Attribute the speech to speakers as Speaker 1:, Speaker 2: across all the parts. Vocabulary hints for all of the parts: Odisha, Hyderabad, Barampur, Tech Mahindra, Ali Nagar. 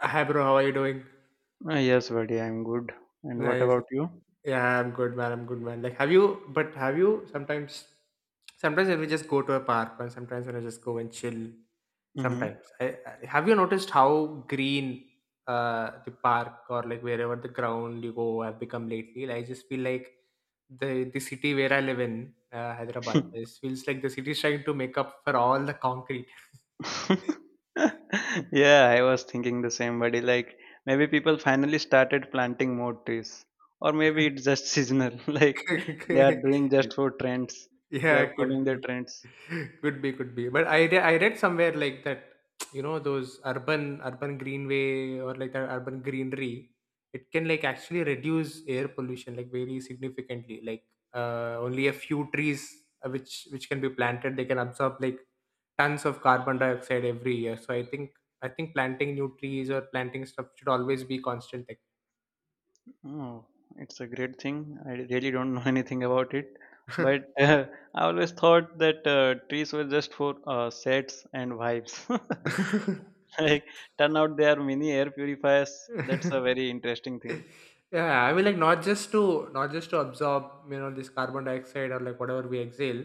Speaker 1: Hi bro, how are you doing?
Speaker 2: Yes, buddy, I'm good. And what
Speaker 1: Nice.
Speaker 2: about you?
Speaker 1: Yeah, I'm good man. Like, have you? But have you sometimes? Sometimes when we just go to a park, and sometimes when I just go and chill. Sometimes,
Speaker 2: Mm-hmm.
Speaker 1: I, have you noticed how green the park or like wherever the ground you go have become lately? Like, I just feel like the city where I live in, Hyderabad, this feels like the city is trying to make up for all the concrete.
Speaker 2: Yeah, I was thinking the same, buddy. Like maybe people finally started planting more trees, or maybe it's just seasonal. Like they are doing just for trends. They
Speaker 1: Yeah,
Speaker 2: are
Speaker 1: could
Speaker 2: following their
Speaker 1: be.
Speaker 2: trends.
Speaker 1: Could be, could be. But I read somewhere like that, you know, those urban greenway or like that urban greenery, it can like actually reduce air pollution like very significantly. Like only a few trees, which can be planted, they can absorb like tons of carbon dioxide every year. So I think planting new trees or planting stuff should always be constant.
Speaker 2: Oh, it's a great thing. I really don't know anything about it,
Speaker 1: Like.
Speaker 2: but I always thought that trees were just for sets and vibes. Like, turn out there are mini air purifiers. That's a very interesting thing.
Speaker 1: Yeah, I mean like not just to absorb, you know, this carbon dioxide or like whatever we exhale,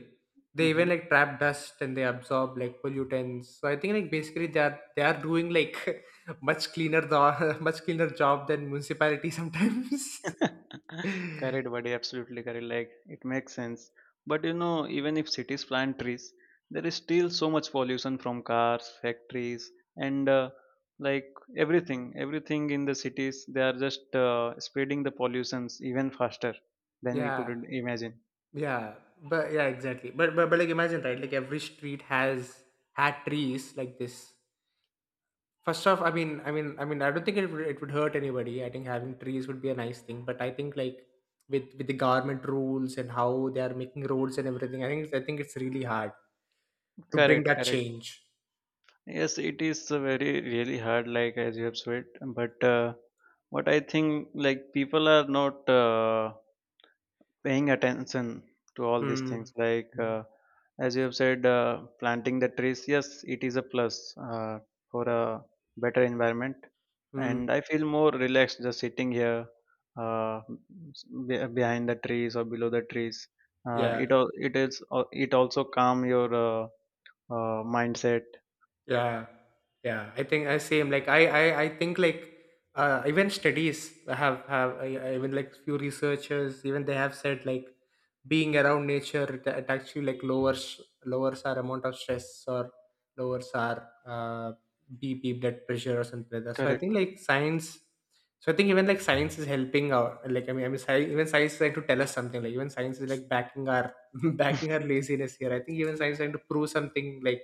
Speaker 1: they even
Speaker 2: Hmm.
Speaker 1: like trap dust and they absorb like pollutants. So I think like basically they are doing like much cleaner the much cleaner job than municipality sometimes.
Speaker 2: Correct, buddy. Absolutely correct. Like, it makes sense. But you know, even if cities plant trees, there is still so much pollution from cars, factories, and like everything. Everything in the cities, they are just spreading the pollutions even faster than we could
Speaker 1: yeah
Speaker 2: imagine.
Speaker 1: yeah, but yeah exactly, but like imagine right, like every street has had trees like this. First off, I don't think it would hurt anybody. I think having trees would be a nice thing, but I think like with the government rules and how they are making roads and everything, I think it's really hard to bring
Speaker 2: Correct,
Speaker 1: that
Speaker 2: correct.
Speaker 1: change.
Speaker 2: Yes, it is a very really hard, like as you have said. But what I think, like people are not paying attention to all these things.
Speaker 1: Hmm.
Speaker 2: Like
Speaker 1: Hmm.
Speaker 2: as you have said, planting the trees. Yes, it is a plus for a better environment,
Speaker 1: Mm.
Speaker 2: and I feel more relaxed just sitting here uh, behind the trees or below the trees.
Speaker 1: Yeah.
Speaker 2: It al- it is al- It also calm your mindset.
Speaker 1: Yeah, yeah. I think I same. I think like, even studies have, even like few researchers even they have said like being around nature, it actually like lowers our amount of stress or lowers our BP blood pressure or something like that. So I
Speaker 2: Correct.
Speaker 1: think like science. So I think even like science is helping out. Like even science is trying to tell us something. Like even science is like backing our backing our laziness here. I think even science is trying to prove something like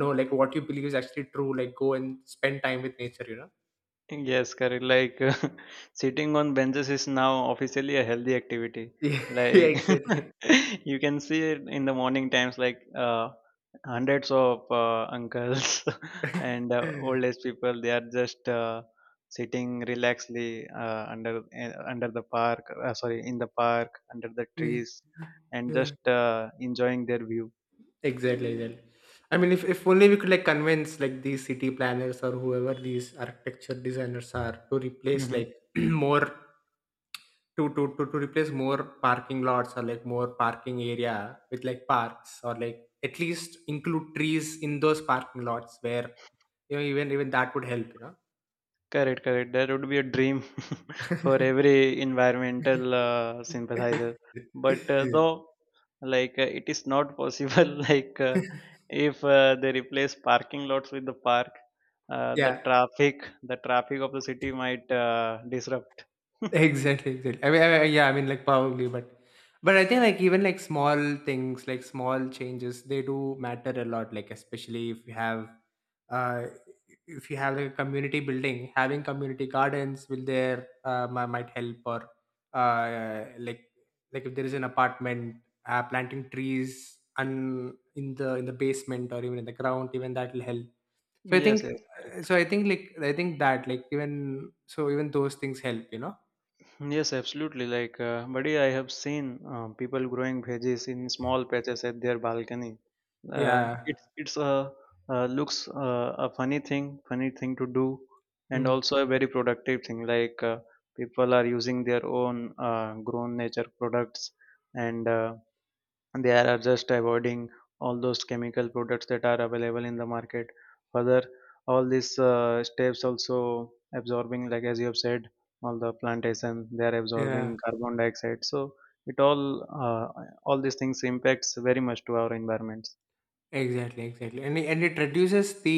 Speaker 1: no, like what you believe is actually true, like go and spend time with nature, you know.
Speaker 2: Yes, correct. Like sitting on benches is now officially a healthy activity.
Speaker 1: Yeah,
Speaker 2: Like
Speaker 1: exactly.
Speaker 2: you can see it in the morning times, like hundreds of uncles and old age people. They are just sitting relaxedly under the park. Sorry, in the park under the trees, and
Speaker 1: Yeah.
Speaker 2: just enjoying their view.
Speaker 1: Exactly. I mean, if only we could like convince like these city planners or whoever these architecture designers are to replace
Speaker 2: Hmm.
Speaker 1: like more, to replace more parking lots or like more parking area with like parks, or like at least include trees in those parking lots, where, you know, even even that would help.
Speaker 2: Correct, correct. That would be a dream for
Speaker 1: You
Speaker 2: every
Speaker 1: know.
Speaker 2: environmental sympathizer. But like it is not possible, like if they replace parking lots with the park,
Speaker 1: Yeah,
Speaker 2: the traffic of the city might disrupt.
Speaker 1: exactly, exactly. Yeah, I mean, like probably, but I think like even like small things, like small changes, they do matter a lot. Like especially uh, if you have like a community building, having community gardens will there might help, or uh, like like if there is an apartment, planting trees and in the basement or even in the ground, even that will help. So I
Speaker 2: Yes,
Speaker 1: think,
Speaker 2: yes, correct.
Speaker 1: I think that like even so even those things help, you know.
Speaker 2: Yes, absolutely. Like, buddy, I have seen people growing veggies in small patches at their balcony.
Speaker 1: Yeah.
Speaker 2: It's a looks a funny thing to do, and
Speaker 1: Mm.
Speaker 2: also a very productive thing. Like people are using their own grown nature products, and they are just avoiding all those chemical products that are available in the market further all these steps also absorbing like as you have said all the plantation they are absorbing
Speaker 1: Yeah.
Speaker 2: carbon dioxide, so it uh, all these things impacts very much to our environments.
Speaker 1: Exactly, exactly, and it reduces the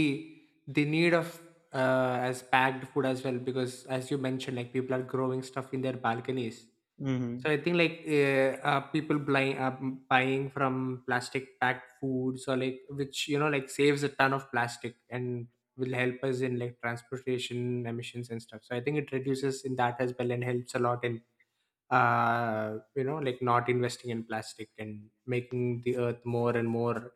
Speaker 1: need of, as packed food as well, because as you mentioned, like people are growing stuff in their balconies. So
Speaker 2: Hmm.
Speaker 1: I think like people buying, buying from plastic packed foods or like, which you know, like saves a ton of plastic and will help us in like transportation emissions and stuff. So I think it reduces in that as well and helps a lot in, you know, like not investing in plastic and making the earth more and more,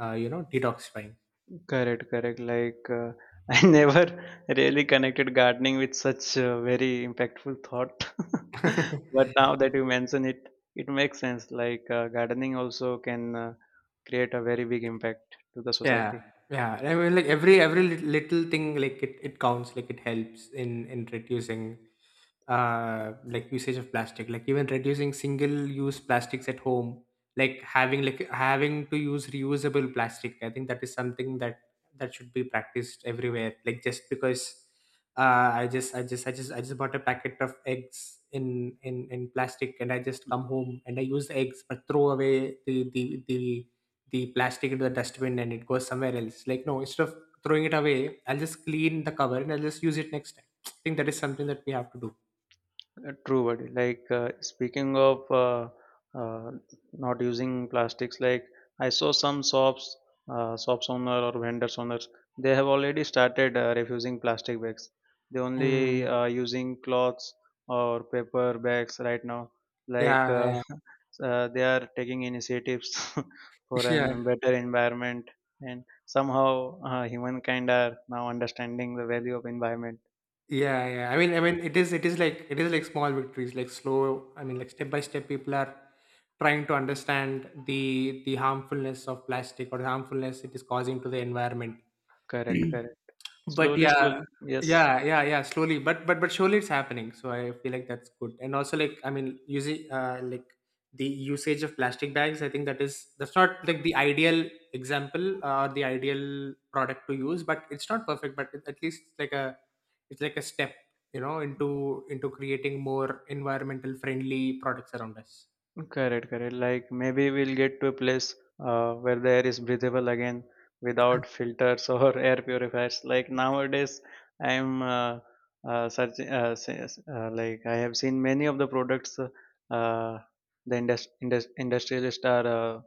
Speaker 1: you know, detoxifying.
Speaker 2: Correct, correct. Like, I never really connected gardening with such a very impactful thought. But now that you mention it, it makes sense. Like, gardening also can create a very big impact to the
Speaker 1: Yeah,
Speaker 2: society.
Speaker 1: yeah, I mean like every little thing, like it counts, like it helps in reducing, like usage of plastic, like even reducing single use plastics at home, like having to use reusable plastic. I think that is something that should be practiced everywhere. Like just because, I just bought a packet of eggs in plastic and I just come home and I use the eggs but throw away the plastic into the dustbin and it goes somewhere else. Like no, instead of throwing it away, I'll just clean the cover and I'll just use it next time. I think that is something that we have to do.
Speaker 2: True, buddy. Like speaking of uh, not using plastics, like I saw some shops, shops owner or vendors owners, they have already started refusing plastic bags. They only
Speaker 1: Mm.
Speaker 2: using cloths or paper bags right now. Like
Speaker 1: Yeah,
Speaker 2: they are taking initiatives for
Speaker 1: yeah, yeah,
Speaker 2: an better environment, and somehow humankind are now understanding the value of environment.
Speaker 1: yeah. yeah. I mean, it is like small victories, like slow. I mean, like step by step, people are trying to understand the harmfulness of plastic or the harmfulness it is causing to the environment.
Speaker 2: Correct, correct.
Speaker 1: But
Speaker 2: Slowly,
Speaker 1: yeah,
Speaker 2: slowly. Yes.
Speaker 1: yeah. Slowly, but surely it's happening. So I feel like that's good. And also, like I mean, using, like the usage of plastic bags. I think that's not like the ideal example, or the ideal product to use. But it's not perfect. At least it's like a, it's like a step, you know, into creating more environmental friendly products around us.
Speaker 2: Correct, correct. Like maybe we'll get to a place where the air is breathable again without filters or air purifiers. Like nowadays, I'm like I have seen many of the products uh, the industrialists are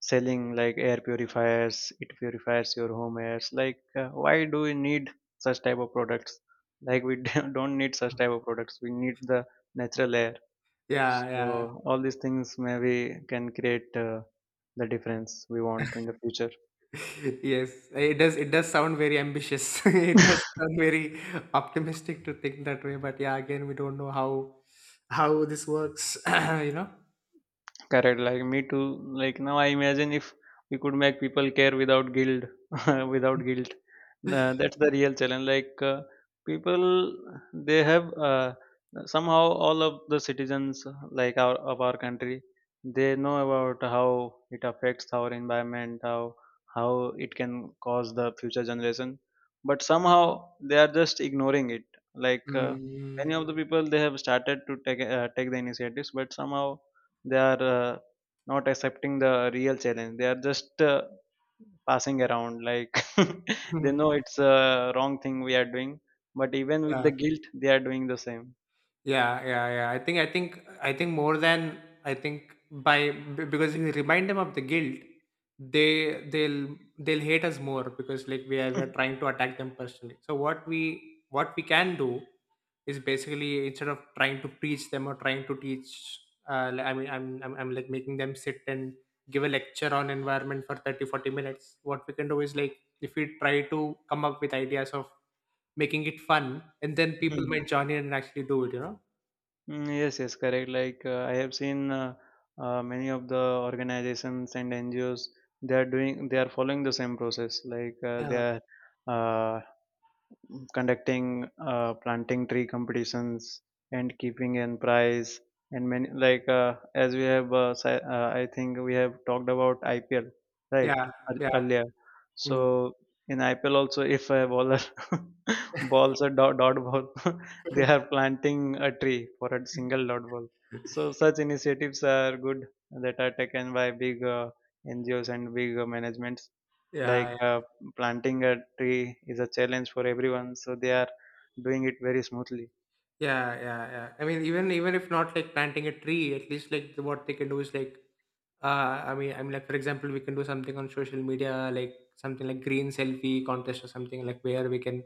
Speaker 2: selling, like air purifiers. It purifies your home airs. Like, why do we need such type of products? Like we don't need such type of products. We need the natural air.
Speaker 1: Yeah, yeah.
Speaker 2: So all these things maybe can create the difference we want in the future.
Speaker 1: Yes, it does. It does sound very ambitious. It does sound very optimistic to think that way. But yeah, again, we don't know how this works. You know.
Speaker 2: Correct, like me too. Like now, I imagine if we could make people care without guilt, without guilt. That's the real challenge. Like people, they have somehow all of the citizens, like our of our country, they know about how it affects our environment, how it can cause the future generation. But somehow they are just ignoring it. Like many
Speaker 1: Mm.
Speaker 2: of the people, they have started to take take the initiatives, but somehow they are not accepting the real challenge. They are just passing around like they know it's a wrong thing we are doing, but even with
Speaker 1: Yeah.
Speaker 2: the guilt they are doing the same.
Speaker 1: Yeah, yeah, yeah. I think more than I think because if you remind them of the guilt, they'll hate us more, because like we are trying to attack them personally. So what we can do is basically instead of trying to preach them or trying to teach, I mean, I'm like making them sit and give a lecture on environment for 30-40 minutes. What we can do is like if we try to come up with ideas of making it fun and then people
Speaker 2: Mhm.
Speaker 1: might join in and actually do it, you know.
Speaker 2: Mm, yes, yes, correct. Like I have seen many of the organizations and NGOs, they are doing, they are following the same process. Like they
Speaker 1: Yeah,
Speaker 2: are uh, conducting planting tree competitions and keeping an prize, and many like as we have si- I think we have talked about IPL, right?
Speaker 1: yeah, yeah,
Speaker 2: Earlier. So
Speaker 1: mm.
Speaker 2: in IPL also, if a baller balls a dot ball, they are planting a tree for a single dot ball. So such initiatives are good, that are taken by big NGOs and big management.
Speaker 1: yeah,
Speaker 2: Like
Speaker 1: yeah,
Speaker 2: planting a tree is a challenge for everyone, so they are doing it very smoothly.
Speaker 1: yeah. I mean, even even if not like planting a tree, at least like what they can do is like, uh, like for example, we can do something on social media, like something like green selfie contest or something, like where we can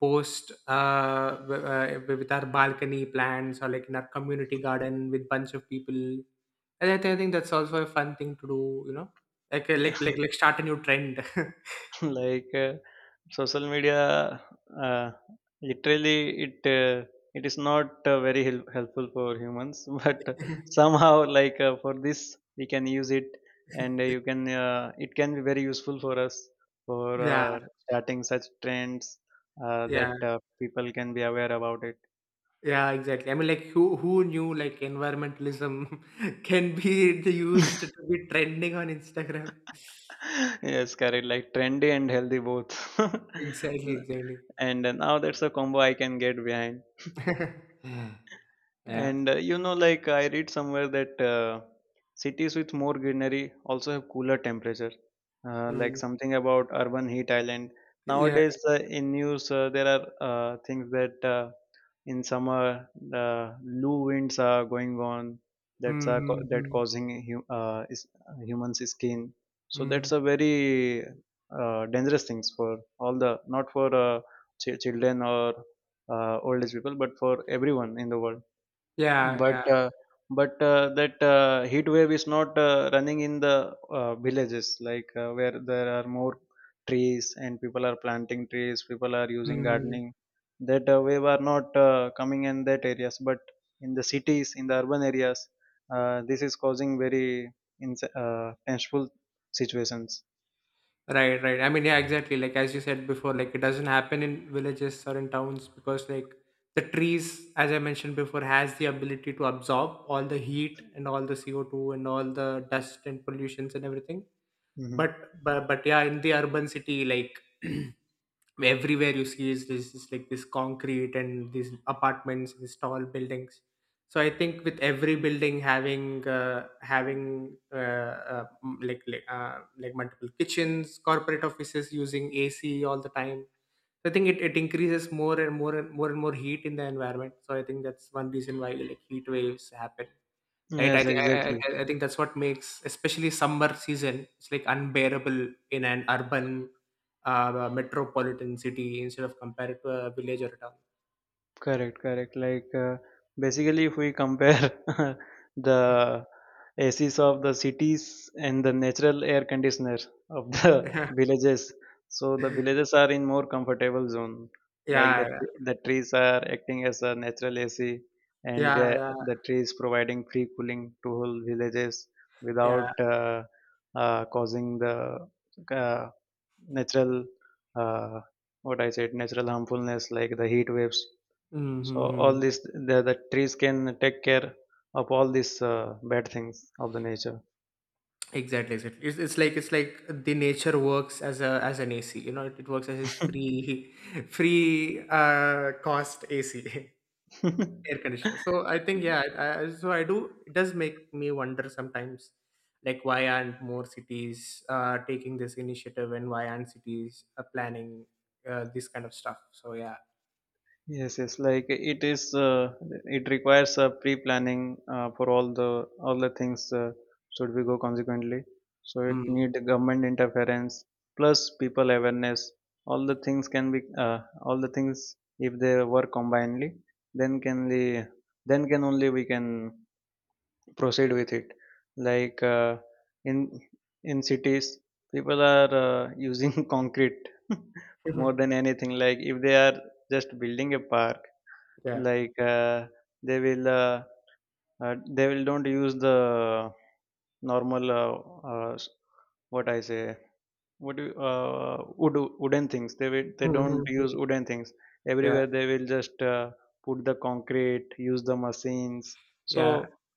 Speaker 1: post, with our balcony plants or like in our community garden with bunch of people. And I think, that's also a fun thing to do, you know, like, like start a new trend.
Speaker 2: Like social media uh, literally it uh, it is not helpful for humans, but somehow like for this we can use it, and you can it can be very useful for us for
Speaker 1: Yeah,
Speaker 2: starting such trends,
Speaker 1: yeah.
Speaker 2: that people can be aware about it.
Speaker 1: Yeah, exactly. I mean, like, who knew like environmentalism can be used to be trending on Instagram?
Speaker 2: Yes, correct. Like trendy and healthy both.
Speaker 1: Exactly,
Speaker 2: N-
Speaker 1: exactly.
Speaker 2: and now that's a combo I can get behind.
Speaker 1: Yeah.
Speaker 2: And you know, like I read somewhere that cities with more greenery also have cooler temperature. Like
Speaker 1: Mm.
Speaker 2: something about urban heat island.
Speaker 1: Yeah.
Speaker 2: Nowadays in news, there are things that in summer the low winds are going on,
Speaker 1: Mm,
Speaker 2: that
Speaker 1: mm,
Speaker 2: causing humans skin. So
Speaker 1: mm.
Speaker 2: that's a very dangerous things for all the, not for children or old age people, but for everyone in the world.
Speaker 1: Yeah,
Speaker 2: But
Speaker 1: yeah.
Speaker 2: that heat wave is not running in the villages, like where there are more trees and people are planting trees, people are using
Speaker 1: Mm.
Speaker 2: gardening. That wave are not coming in that areas, but in the cities, in the urban areas, this is causing very painful situations.
Speaker 1: Right, right. I mean, yeah, exactly. Like as you said before, like it doesn't happen in villages or in towns, because like the trees, as I mentioned before, has the ability to absorb all the heat and all the CO2 and all the dust and pollutions and everything.
Speaker 2: Hmm.
Speaker 1: But yeah, in the urban city like everywhere you see is, this is like this concrete and these apartments, these tall buildings. So I think with every building having, like multiple kitchens, corporate offices using AC all the time. So I think it it increases more and more and more and more heat in the environment. So I think that's one reason why like heat waves happen, right?
Speaker 2: Yes, exactly.
Speaker 1: I think that's what makes especially summer season, it's like unbearable in an urban, metropolitan city instead of compared to a village or a town.
Speaker 2: Correct, correct. Like basically, if we compare the ACs of the cities and the natural air conditioner of the villages, so the villages are in more comfortable zone. Like the
Speaker 1: yeah yeah
Speaker 2: the trees are acting as a natural AC, and the
Speaker 1: yeah
Speaker 2: the trees providing free cooling to whole villages
Speaker 1: yeah.
Speaker 2: without causing the uh, natural uh, what I said natural harmfulness, like the heat waves. So all
Speaker 1: Mm-hmm.
Speaker 2: this, the trees can take care of all these bad things of the nature.
Speaker 1: Exactly, it's like, it's like the nature works as a, as an AC, you know. It works as his free free cost AC. Air conditioner. So I think, yeah. I do, it does make me wonder sometimes like why aren't more cities, taking this initiative and why aren't cities, planning, this kind of stuff. So yeah.
Speaker 2: Yes, yes. Like it is, it requires a pre-planning for all the things should we go consequently. So it
Speaker 1: Mm.
Speaker 2: need government interference plus people awareness. All the things can be, all the things if they work combinedly, then can then can only we can proceed with it. Like in in cities people are using concrete more than anything. Like if they are just building a park,
Speaker 1: Yeah.
Speaker 2: like they will uh, they will don't use the normal s- what I say what do you- wood, wooden things. They will, they don't use
Speaker 1: Mhm.
Speaker 2: wooden things.
Speaker 1: Yeah,
Speaker 2: Everywhere they will just put the concrete, use the machines. So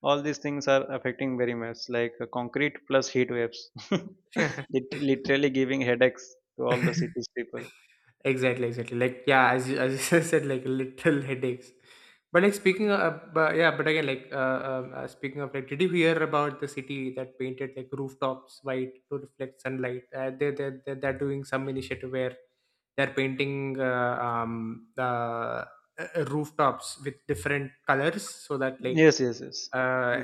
Speaker 2: all these things are affecting very much, like concrete plus heat waves.
Speaker 1: yeah.
Speaker 2: Literally giving headaches to all the cities people.
Speaker 1: Exactly, exactly. Like yeah, as you said, like little headaches. But like speaking of, but yeah, but again, like speaking of, like, did you hear about the city that painted like rooftops white to reflect sunlight? They're doing some initiative where they're painting the rooftops with different colors so that
Speaker 2: Yes, yes, yes.
Speaker 1: uh,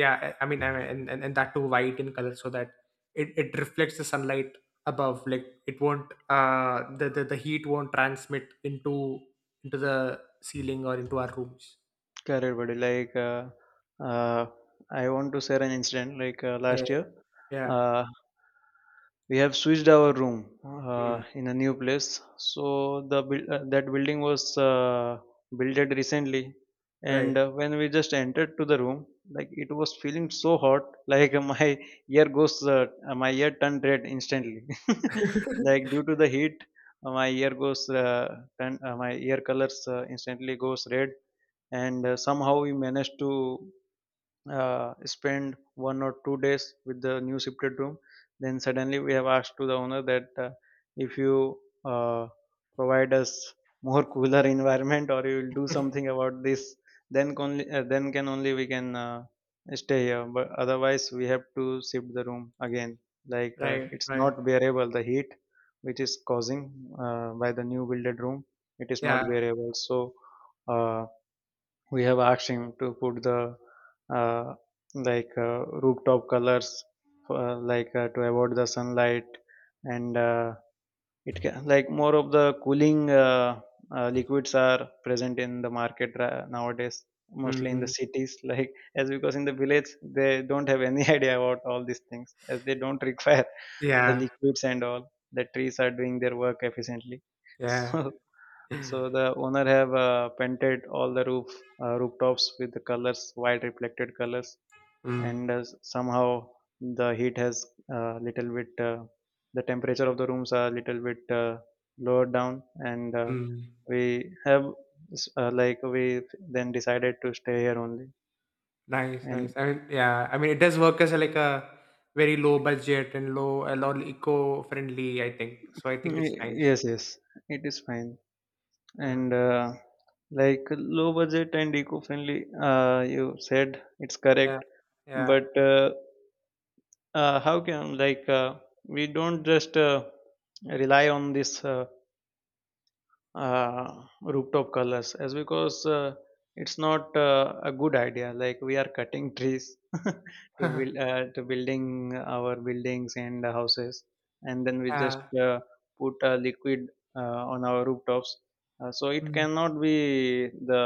Speaker 1: yeah, I mean and that too white in color so that it reflects the sunlight above. Like it won't the heat won't transmit into the ceiling or into our rooms.
Speaker 2: Correct, buddy. Like, uh, I want to share an incident. Like
Speaker 1: Uh,
Speaker 2: last year,
Speaker 1: yeah.
Speaker 2: uh, we have switched our room
Speaker 1: mm,
Speaker 2: in a new place. So the that building was built recently,
Speaker 1: right
Speaker 2: and when we just entered to the room, like it was feeling so hot. Like my ear goes, my ear turned red instantly. Like due to the heat, uh, my ear goes, uh, my ear colors instantly goes red. And somehow we managed to spend 1 or 2 days with the new shifted room. Then suddenly we have asked to the owner that, if you uh, provide us more cooler environment, or you will do something about this. Then only then can only we can stay here, but otherwise we have to shift the room again. Like
Speaker 1: right
Speaker 2: it's not
Speaker 1: right
Speaker 2: bearable the heat, which is causing by the new builded room. It is not
Speaker 1: Yeah.
Speaker 2: bearable, so uh, we have asked him to put the, uh, like rooftop colors, for, like to avoid the sunlight. And it can, like, more of the cooling liquids are present in the market nowadays, mostly in the
Speaker 1: Hmm.
Speaker 2: cities. Like, as because in the village they don't have any idea about all these things, as they don't require the
Speaker 1: Yeah,
Speaker 2: liquids and all. The trees are doing their work efficiently,
Speaker 1: yeah.
Speaker 2: so so the owner have painted all the rooftops with the colors, white reflected colors.
Speaker 1: Mm,
Speaker 2: And somehow the heat has, little bit. The temperature of the rooms are little bit lower down. And
Speaker 1: mm.
Speaker 2: we have like we then decided to stay here only.
Speaker 1: Nice.
Speaker 2: And
Speaker 1: I mean, yeah, I mean it does work as a, like a very low budget and low a lot eco friendly, I think. So I think it's nice.
Speaker 2: yes, yes, it is fine.
Speaker 1: Yeah.
Speaker 2: And like, low budget and eco-friendly, you said it's
Speaker 1: Yeah,
Speaker 2: correct.
Speaker 1: yeah.
Speaker 2: But how can, like we don't just rely on this, rooftop colors? As because it's not a good idea, like we are cutting trees to build to building our buildings and houses, and then we just
Speaker 1: Yeah.
Speaker 2: put a liquid on our rooftops, so it
Speaker 1: Mm.
Speaker 2: cannot be the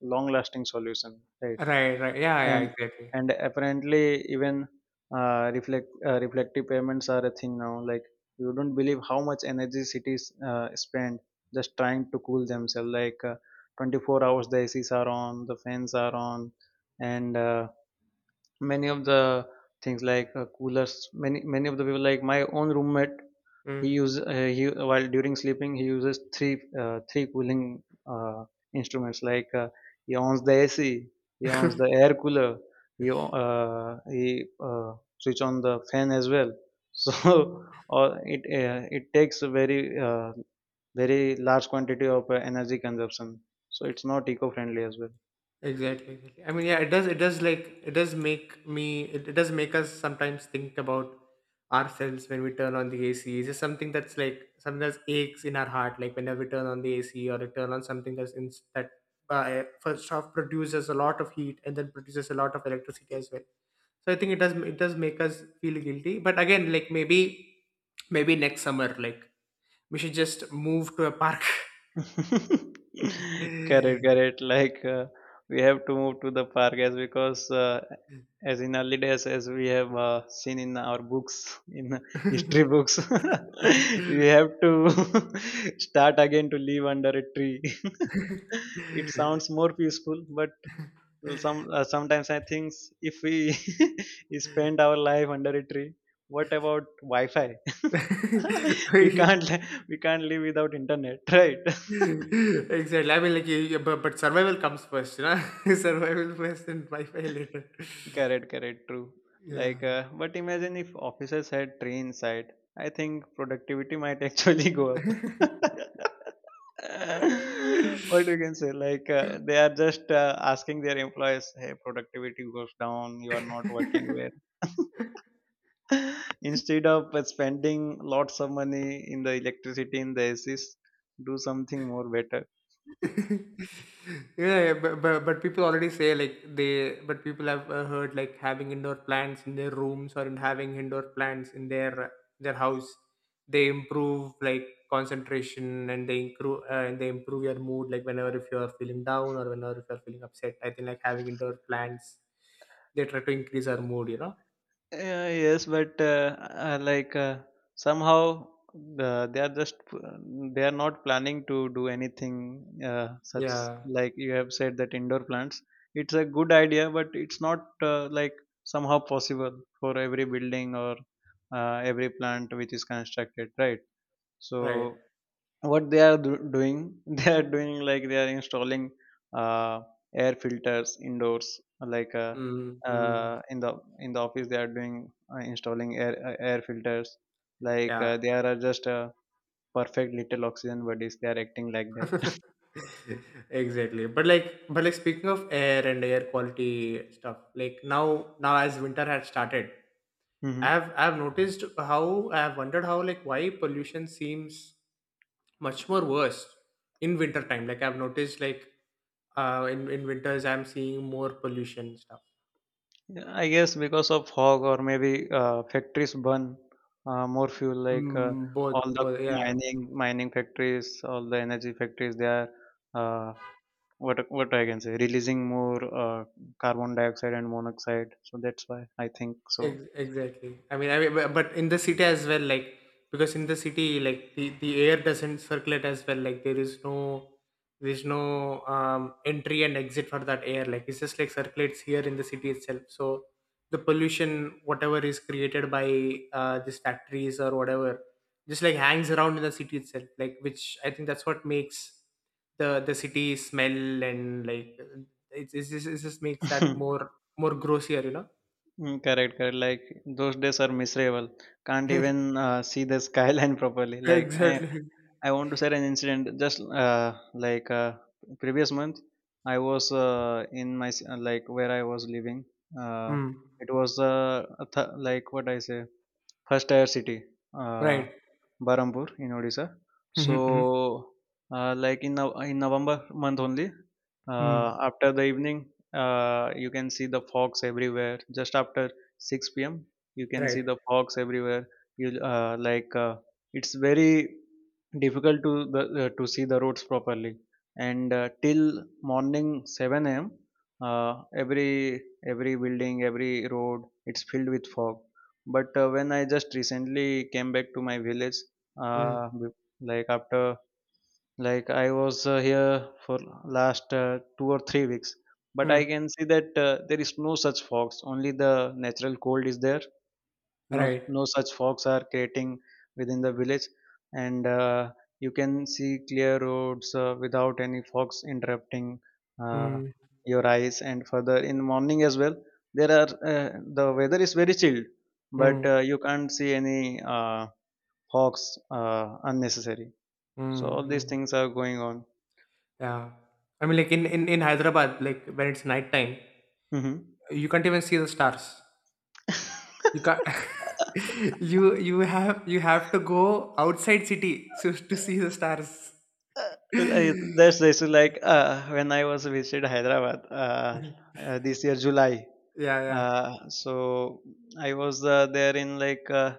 Speaker 2: long lasting solution, right?
Speaker 1: Right, right. Yeah, yeah,
Speaker 2: and
Speaker 1: exactly.
Speaker 2: and apparently even, reflective payments are a thing now, like you don't believe how much energy cities spend just trying to cool themselves. Like 24 hours the ACs are on, the fans are on, and many of the things, like coolers, many of the people, like my own roommate. He
Speaker 1: Mm.
Speaker 2: uses he while during sleeping he uses three cooling instruments, like he owns the AC, he owns the air cooler, he o- he switch on the fan as well. So or it takes a very large quantity of energy consumption, so it's not eco friendly as well.
Speaker 1: Exactly, exactly. I mean, yeah, it does, it does like it does make me, it does make us sometimes think about ourselves when we turn on the AC. It's just something that's like something that's aches in our heart, like whenever we turn on the AC or we turn on something that's in that first off produces a lot of heat and then produces a lot of electricity as well. So I think it does, it does make us feel guilty. But again, like maybe next summer, like we should just move to a park.
Speaker 2: Correct,
Speaker 1: Exactly.
Speaker 2: correct. Like we have to move to the park, as because as in early days, as we have seen in our books, in history books, we have to start again to live under a tree. It sounds more peaceful, but sometimes I think, if we spend our life under a tree, what about Wi-Fi? we can't li- we can't live without internet, right?
Speaker 1: I mean, like, but survival comes first, you know? Survival first and Wi Fi later.
Speaker 2: Correct, correct, true.
Speaker 1: Yeah.
Speaker 2: Like, but imagine if officers had trains side. I think productivity might actually go up. What you can say? Like, they are just asking their employees, "Hey, productivity goes down. You are not working well." Instead of spending lots of money in the electricity, in the ACs, do something more better.
Speaker 1: Yeah, but people already say like they but people have heard like having indoor plants in their rooms, or in having indoor plants in their house, they improve like concentration, and they improve your mood. Like whenever if you are feeling down, or whenever if you are feeling upset, I think like having indoor plants, they try to increase our mood, you know.
Speaker 2: Yeah, yes, but like somehow they are just, they are not planning to do anything such,
Speaker 1: Yeah.
Speaker 2: like you have said, that indoor plants. It's a good idea, but it's not like somehow possible for every building, or every plant which is constructed, right?
Speaker 1: Right.
Speaker 2: So what they are doing, they are doing, like they are installing uh, air filters indoors, like
Speaker 1: Mm-hmm.
Speaker 2: in the office they are doing, installing air filters. Like
Speaker 1: Yeah.
Speaker 2: they are, just perfect little oxygen bodies, they are acting like that.
Speaker 1: Exactly. But like, but like speaking of air and air quality stuff, like now, now as winter had started, i
Speaker 2: hmm
Speaker 1: have i have noticed how I have wondered how like why pollution seems much more worse in winter time. Like I've noticed like in winters I'm seeing more pollution stuff.
Speaker 2: I guess because of fog, or maybe factories burn more fuel. Like
Speaker 1: Mm, both,
Speaker 2: all the
Speaker 1: both, yeah.
Speaker 2: mining factories, all the energy factories, they are, uh, what I can say, releasing more carbon dioxide and monoxide. So that's why I think so.
Speaker 1: Exactly. I mean, bu- but in the city as well, like because in the city, like the air doesn't circulate as well. Like there is no, there is no entry and exit for that air. Like it's just like circulates here in the city itself. So the pollution, whatever is created by these factories or whatever, just like hangs around in the city itself. Like which I think that's what makes the city smell, and like it just makes that more more grossier, you know.
Speaker 2: Mm, correct, correct. Like, those days are miserable. Can't even see the skyline properly. Like,
Speaker 1: Exactly.
Speaker 2: I want to share an incident. Just like previous month, I was in like, where I was living. Uh,
Speaker 1: Hmm.
Speaker 2: it was a like, what I say, first tier city, uh,
Speaker 1: Right.
Speaker 2: Barampur in Odisha.
Speaker 1: Hmm.
Speaker 2: So,
Speaker 1: Hmm. Hmm.
Speaker 2: like, in in November month only,
Speaker 1: Hmm.
Speaker 2: after the evening, you can see the fogs everywhere. Just after 6 p.m., you can see
Speaker 1: Right.
Speaker 2: the fogs everywhere. You like It's very difficult, to see the roads properly. And till morning 7 a.m., uh, every every building, every road, it's filled with fog. But when I just recently came back to my village,
Speaker 1: Hmm.
Speaker 2: uh, b- like after, like I was here for last 2 or 3 weeks, but I
Speaker 1: Hmm.
Speaker 2: can see that there is no such fogs. Only the natural cold is there. No
Speaker 1: Right.
Speaker 2: No such fogs are creating within the village. And you can see clear roads without any fogs interrupting uh,
Speaker 1: Hmm.
Speaker 2: your eyes. And further in morning as well, there are uh, the weather is very chilled. But
Speaker 1: Hmm.
Speaker 2: you can't see any fogs unnecessary. So all
Speaker 1: Hmm.
Speaker 2: these
Speaker 1: Hmm.
Speaker 2: things are going on.
Speaker 1: Yeah. I mean, like in Hyderabad, like when it's night time,
Speaker 2: hmm
Speaker 1: you can't even see the stars. You can't. You have to go outside city so to see the stars.
Speaker 2: like, that's basically like when I was visited Hyderabad, this year July.
Speaker 1: Yeah. Yeah.
Speaker 2: So I was there in, like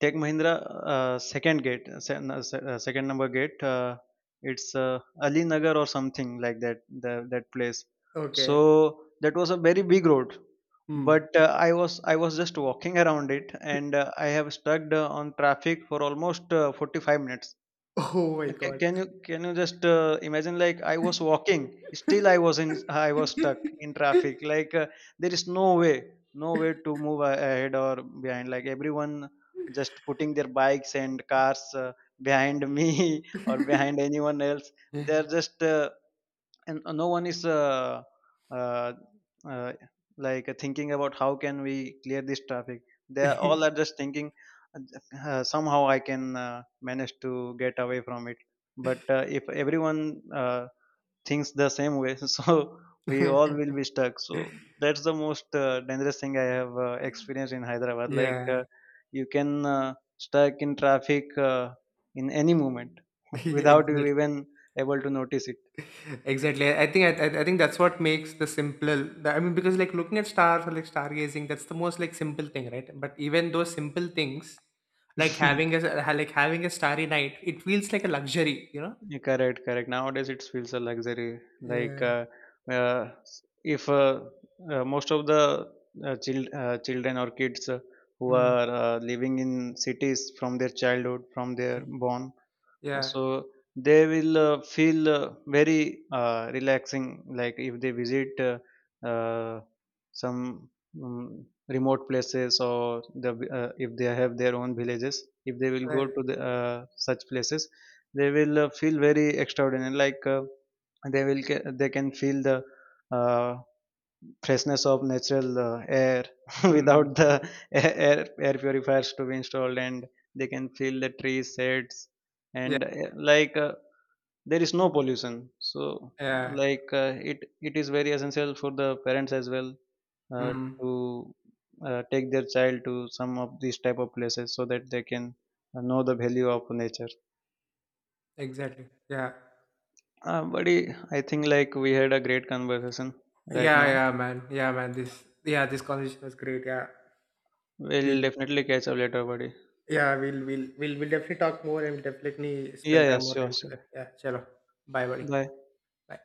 Speaker 2: Tech Mahindra, second gate, se- no, se- second number gate. It's Ali Nagar or something like that. That place.
Speaker 1: Okay.
Speaker 2: So that was a very big road,
Speaker 1: Hmm.
Speaker 2: but I was just walking around it, and I have stuck on traffic for almost 45 minutes.
Speaker 1: Oh my God.
Speaker 2: Can you just imagine, like I was walking, still I was stuck in traffic. Like there is no way, to move ahead or behind. Like everyone just putting their bikes and cars behind me, or behind anyone else. They're just, and no one is uh, uh, like thinking about how can we clear this traffic. They are all are just thinking, uh, somehow I can manage to get away from it. But if everyone thinks the same way, so we all will be stuck. So that's the most dangerous thing I have experienced in Hyderabad. Like
Speaker 1: Yeah.
Speaker 2: you can uh, stuck in traffic in any moment,
Speaker 1: Yeah,
Speaker 2: without you
Speaker 1: exactly.
Speaker 2: even able to notice
Speaker 1: Exactly. I think I think that's what makes the simple. I mean, because like looking at stars or like stargazing, that's the most like simple thing, right? But even those simple things, like
Speaker 2: it.
Speaker 1: like having a starry night, it feels like a luxury, you know?
Speaker 2: Yeah, correct, correct. Nowadays, it feels a luxury. Like
Speaker 1: Yeah.
Speaker 2: uh, if most of the children or kids who
Speaker 1: Mm.
Speaker 2: are living in cities from their childhood, from their
Speaker 1: Mm.
Speaker 2: born,
Speaker 1: Yeah.
Speaker 2: so they will feel very relaxing, like if they visit uh, some remote places, or the, if they have their own villages, if they will go
Speaker 1: Right.
Speaker 2: to such places, they will feel very extraordinary, like they will they can feel the uh, freshness of natural air, without
Speaker 1: Mm.
Speaker 2: the air air air purifiers to be installed, and they can feel the trees shades,
Speaker 1: Yeah.
Speaker 2: and like there is no pollution, so
Speaker 1: Yeah.
Speaker 2: like it is very essential for the parents as well, uh,
Speaker 1: Mm.
Speaker 2: to take their child to some of these type of places, so that they can know the value of nature.
Speaker 1: Exactly. Yeah.
Speaker 2: Buddy, I think like we had a great conversation right
Speaker 1: Yeah.
Speaker 2: now.
Speaker 1: Yeah, man. Yeah, man. This. Yeah, this conversation was great. Yeah.
Speaker 2: We'll
Speaker 1: We.
Speaker 2: definitely catch up later, buddy.
Speaker 1: Yeah, we'll definitely talk more, and we'll definitely
Speaker 2: Yeah,
Speaker 1: spend
Speaker 2: yeah,
Speaker 1: time more
Speaker 2: sure,
Speaker 1: time
Speaker 2: sure.
Speaker 1: together. Yeah, chalo. Bye buddy.
Speaker 2: Bye.
Speaker 1: Bye.